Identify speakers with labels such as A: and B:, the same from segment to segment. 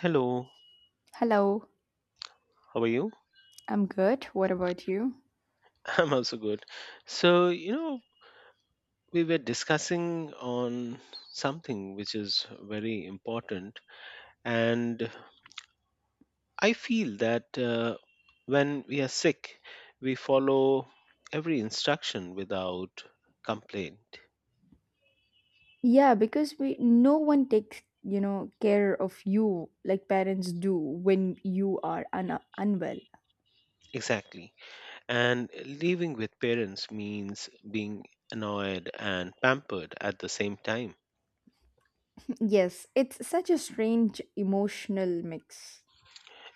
A: Hello,
B: Hello,
A: how are you?
B: I'm good. What about you?
A: I'm also good. So, we were discussing on something which is very important, and I feel that when we are sick, we follow every instruction without complaint.
B: Yeah, because we no one takes, care of you like parents do when you are unwell.
A: Exactly. And living with parents means being annoyed and pampered at the same time.
B: Yes, it's such a strange emotional mix.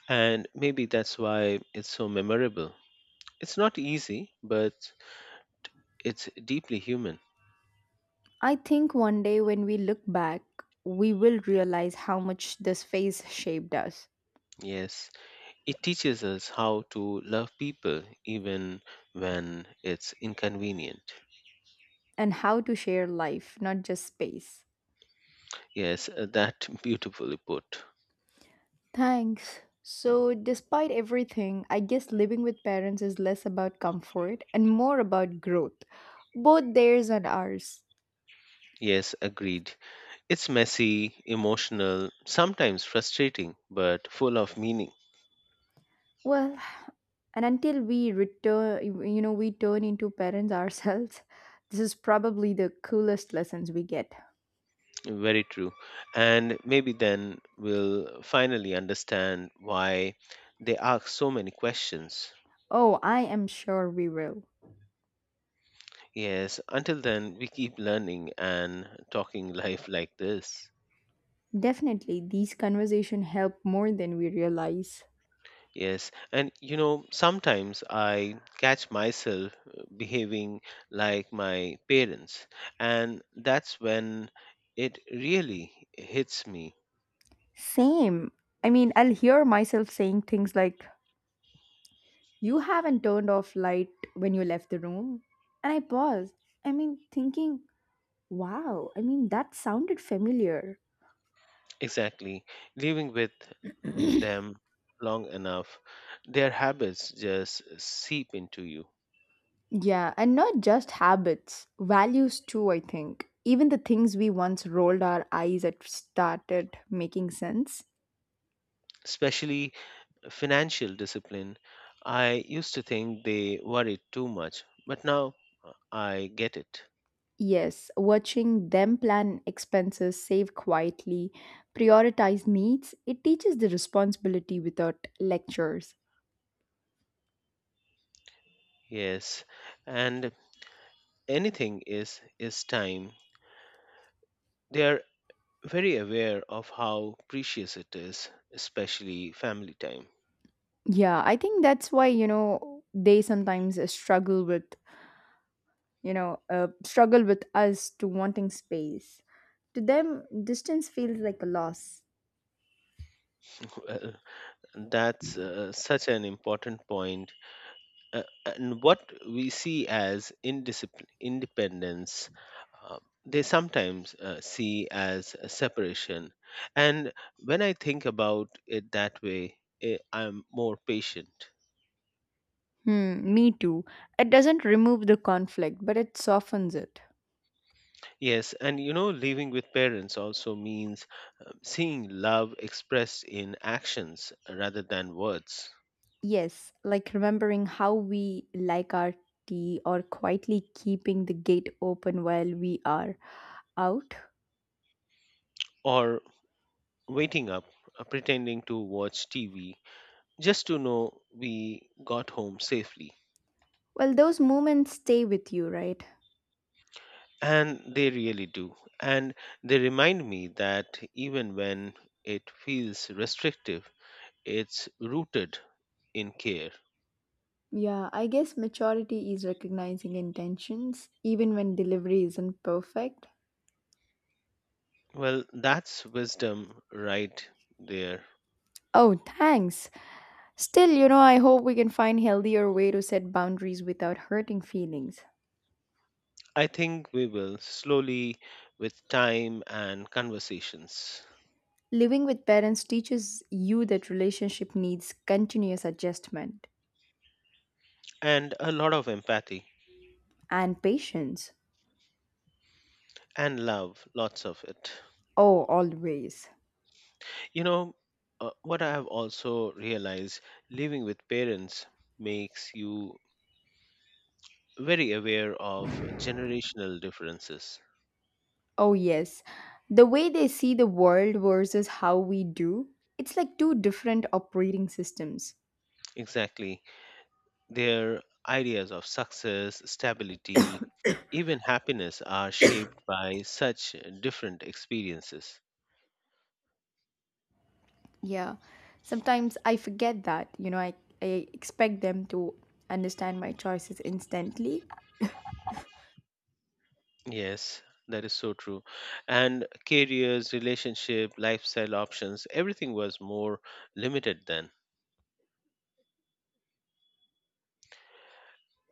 A: And maybe that's why it's so memorable. It's not easy, but it's deeply human.
B: I think one day when we look back, we will realize how much this phase shaped us
A: Yes, it teaches us how to love people even when it's inconvenient.
B: and how to share life, not just space.
A: Yes, that beautifully put.
B: Thanks. So, despite everything, I guess living with parents is less about comfort and more about growth, both theirs and ours.
A: Yes, agreed. It's messy, emotional, sometimes frustrating, but full of meaning.
B: Well, and until we return, we turn into parents ourselves, this is probably the coolest lessons we get.
A: Very true. And maybe then we'll finally understand why they ask so many questions.
B: Oh, I am sure we will.
A: Yes, until then, we keep learning and talking life like this.
B: Definitely, these conversations help more than we realize.
A: Yes, and sometimes I catch myself behaving like my parents, and that's when it really hits me.
B: Same. I mean, I'll hear myself saying things like, "You haven't turned off light when you left the room." And I paused. I mean, thinking, wow, I mean, that sounded familiar.
A: Exactly. Living with them long enough, their habits just seep into you,
B: Yeah, and not just habits, values too, I think. Even the things we once rolled our eyes at started making sense.
A: especially financial discipline. I used to think they worried too much, but now I get it.
B: Yes, watching them plan expenses, save quietly, prioritize needs, it teaches the responsibility without lectures.
A: Yes, and anything is time. They are very aware of how precious it is, especially family time.
B: Yeah, I think that's why, they sometimes struggle with us to wanting space. To them, distance feels like a loss.
A: Well, that's such an important point. And what we see as indiscipline, independence, uh, they sometimes see as a separation. And when I think about it that way, I'm more patient.
B: Hmm, me too. It doesn't remove the conflict, but it softens it.
A: Yes, and living with parents also means seeing love expressed in actions rather than words.
B: Yes, like remembering how we like our tea or quietly keeping the gate open while we are out.
A: Or waiting up, pretending to watch TV just to know we got home safely.
B: Well, those moments stay with you, right?
A: And they really do. And they remind me that even when it feels restrictive, it's rooted in care.
B: Yeah, I guess maturity is recognizing intentions even when delivery isn't perfect.
A: Well, that's wisdom right there.
B: Oh, thanks. Still, I hope we can find healthier way to set boundaries without hurting feelings.
A: I think we will slowly, with time and conversations,
B: Living with parents teaches you that relationship needs continuous adjustment
A: and a lot of empathy
B: and patience.
A: and love, lots of it.
B: Oh, always.
A: You know, what I have also realized living with parents makes you very aware of generational differences.
B: Oh, yes. The way they see the world versus how we do, it's like two different operating systems.
A: Exactly. Their ideas of success, stability, even happiness are shaped by such different experiences.
B: Yeah. Sometimes I forget that, I expect them to understand my choices instantly.
A: Yes, that is so true. And careers, relationship, lifestyle options, everything was more limited then.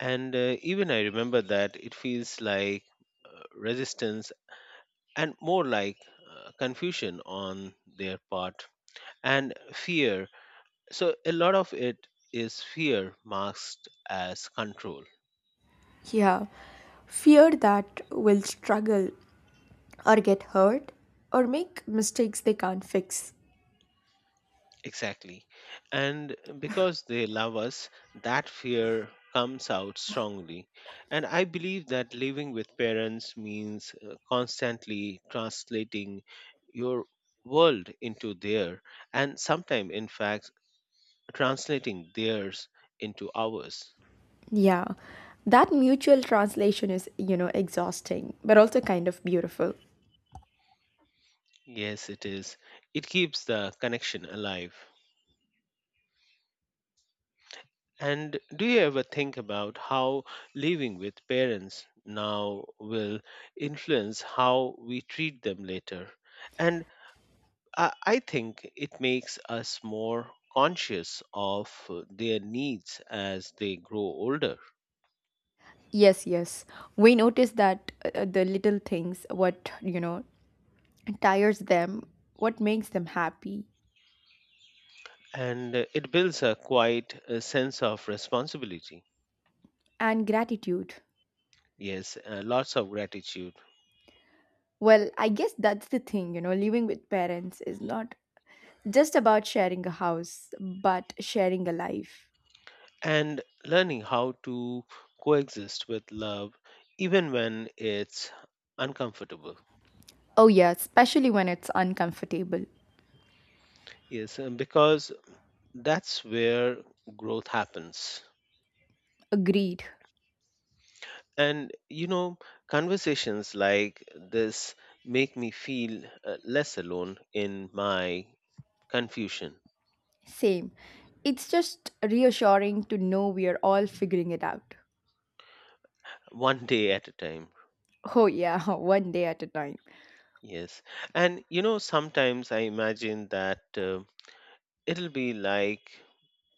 A: And even I remember that it feels like resistance and more like confusion on their part and fear. So a lot of it is fear masked as control.
B: Yeah, fear that will struggle or get hurt or make mistakes they can't fix.
A: Exactly. And because they love us, that fear comes out strongly. And I believe that living with parents means constantly translating your world into their and sometimes in fact translating theirs into ours.
B: Yeah, that mutual translation is, exhausting, but also kind of beautiful.
A: Yes, it is. It keeps the connection alive. And do you ever think about how living with parents now will influence how we treat them later? And I think it makes us more conscious of their needs as they grow older.
B: Yes, yes. We notice that the little things, what, tires them, what makes them happy,
A: And it builds a quite a sense of responsibility.
B: and gratitude.
A: Yes, lots of gratitude
B: Well, I guess that's the thing, living with parents is not just about sharing a house, but sharing a life.
A: and learning how to coexist with love even when it's uncomfortable.
B: Oh, yeah, especially when it's uncomfortable.
A: Yes, and because that's where growth happens.
B: Agreed.
A: And conversations like this make me feel less alone in my confusion,
B: Same. It's just reassuring to know we are all figuring it out.
A: one day at a time.
B: Oh, yeah, one day at a time.
A: Yes. And sometimes I imagine that it'll be like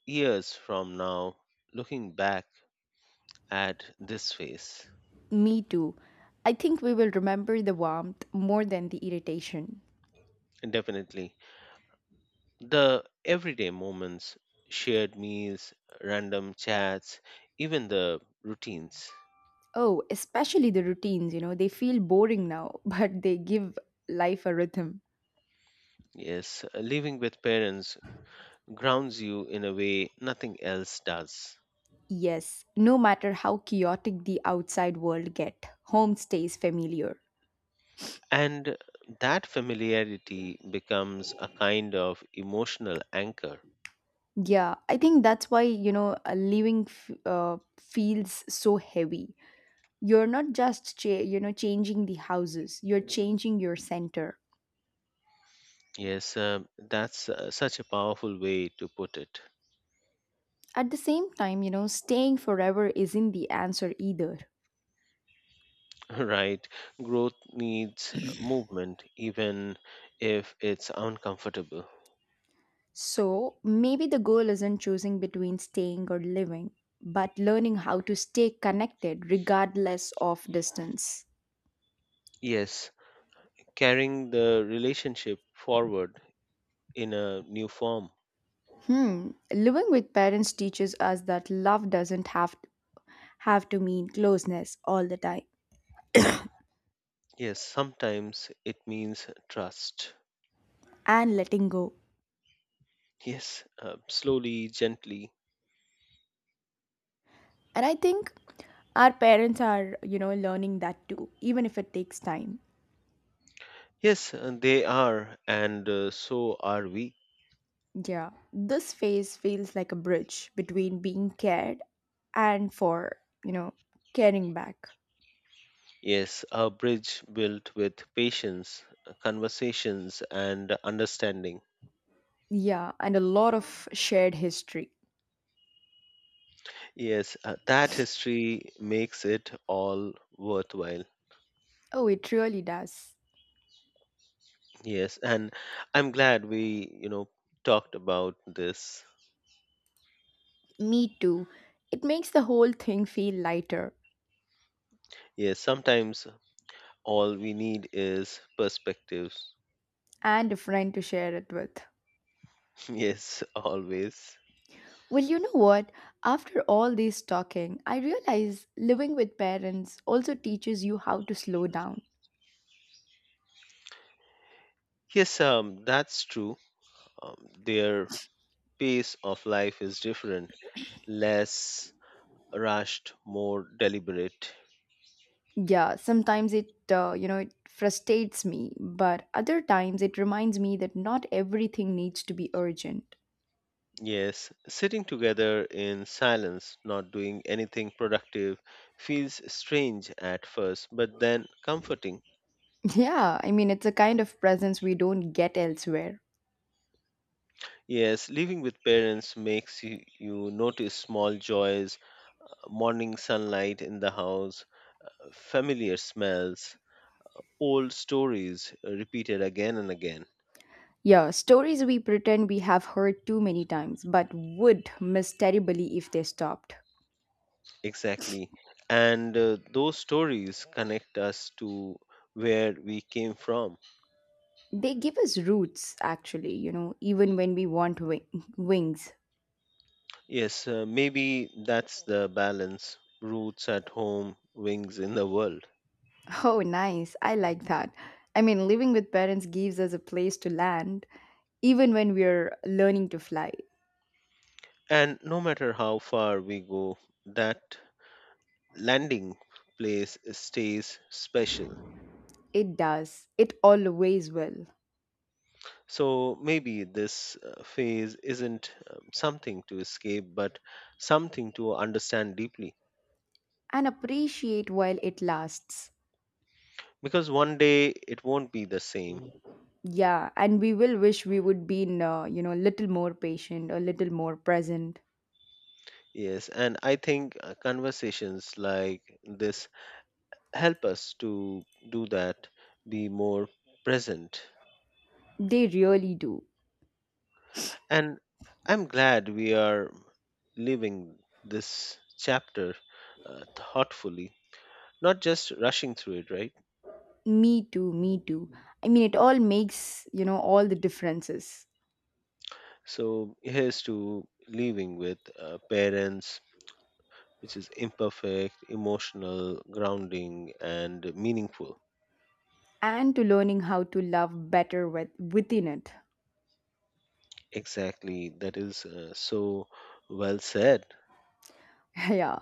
A: years from now, looking back at this phase.
B: Me too. I think we will remember the warmth more than the irritation.
A: Definitely. The everyday moments, shared meals, random chats, even the routines.
B: Oh, especially the routines, they feel boring now, but they give life a rhythm.
A: Yes, living with parents grounds you in a way nothing else does.
B: Yes, no matter how chaotic the outside world get, home stays familiar.
A: And that familiarity becomes a kind of emotional anchor.
B: Yeah, I think that's why, feels so heavy. You're not just changing the houses, you're changing your center.
A: Yes, that's such a powerful way to put it.
B: At the same time, staying forever isn't the answer either.
A: Right? Growth needs movement, even if it's uncomfortable.
B: So maybe the goal isn't choosing between staying or living, but learning how to stay connected regardless of distance.
A: Yes, carrying the relationship forward in a new form.
B: Living with parents teaches us that love doesn't have to mean closeness all the time,
A: Yes, sometimes it means trust.
B: and letting go.
A: Yes, slowly, gently.
B: And I think our parents are learning that too, even if it takes time.
A: Yes, they are, and so are we.
B: Yeah, this phase feels like a bridge between being cared and for, you know, caring back.
A: Yes, a bridge built with patience, conversations, and understanding.
B: Yeah, and a lot of shared history.
A: Yes, that history makes it all worthwhile.
B: Oh, it really does.
A: Yes, and I'm glad we, talked about this.
B: Me too. It makes the whole thing feel lighter
A: Yes, sometimes all we need is perspectives.
B: and a friend to share it with.
A: Yes, always.
B: Well, you know what? After all this talking, I realize living with parents also teaches you how to slow down.
A: Yes, that's true. Um, their pace of life is different, less rushed, more deliberate.
B: Yeah, sometimes it you know it frustrates me, but other times it reminds me that not everything needs to be urgent.
A: Yes, sitting together in silence, not doing anything productive, feels strange at first, but then comforting.
B: Yeah, I mean it's a kind of presence we don't get elsewhere.
A: Yes, living with parents makes you notice small joys, morning sunlight in the house, familiar smells, old stories repeated again and again.
B: Yeah, stories we pretend we have heard too many times, but would miss terribly if they stopped.
A: Exactly. And those stories connect us to where we came from.
B: They give us roots, actually, even when we want wings.
A: Yes, maybe that's the balance roots at home, wings in the world.
B: Oh, nice. I like that. I mean, living with parents gives us a place to land, even when we're learning to fly.
A: And no matter how far we go, that landing place stays special.
B: It does. It always will.
A: So maybe this phase isn't something to escape, but something to understand deeply.
B: And appreciate while it lasts.
A: Because one day it won't be the same.
B: Yeah, and we will wish we would been, little more patient, a little more present.
A: Yes, and I think conversations like this help us to do that, be more present.
B: They really do.
A: And I'm glad we are living this chapter thoughtfully, not just rushing through it, right?
B: Me too, me too. I mean, it all makes, all the differences.
A: So here's to living with parents, which is imperfect, emotional, grounding, and meaningful.
B: And to learning how to love better within it.
A: Exactly, that is so well said.
B: Yeah.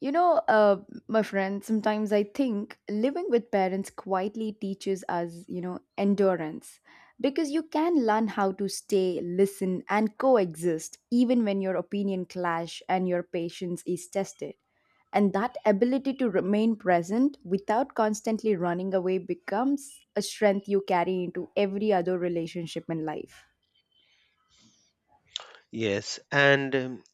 B: You know, uh, my friend, sometimes I think living with parents quietly teaches us, endurance, because you can learn how to stay, listen, and coexist even when your opinion clash and your patience is tested. And that ability to remain present without constantly running away becomes a strength you carry into every other relationship in life.
A: Yes, and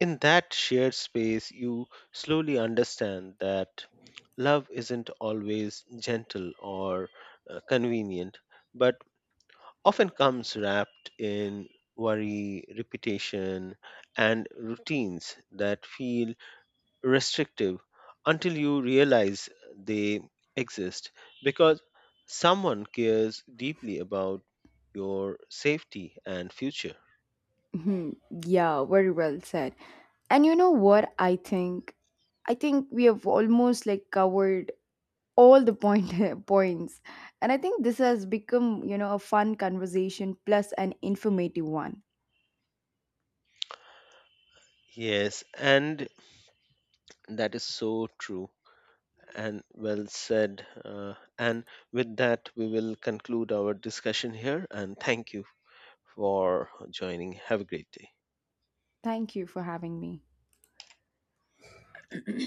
A: in that shared space, you slowly understand that love isn't always gentle or convenient, but often comes wrapped in worry, repetition, and routines that feel restrictive until you realize they exist because someone cares deeply about your safety and future.
B: Mhm. Yeah, very well said. And you know what I think? I think we have almost like covered all the point points. And I think this has become, a fun conversation plus an informative one.
A: Yes, and that is so true and well said. And with that, we will conclude our discussion here. And thank you for joining. Have a great day.
B: Thank you for having me.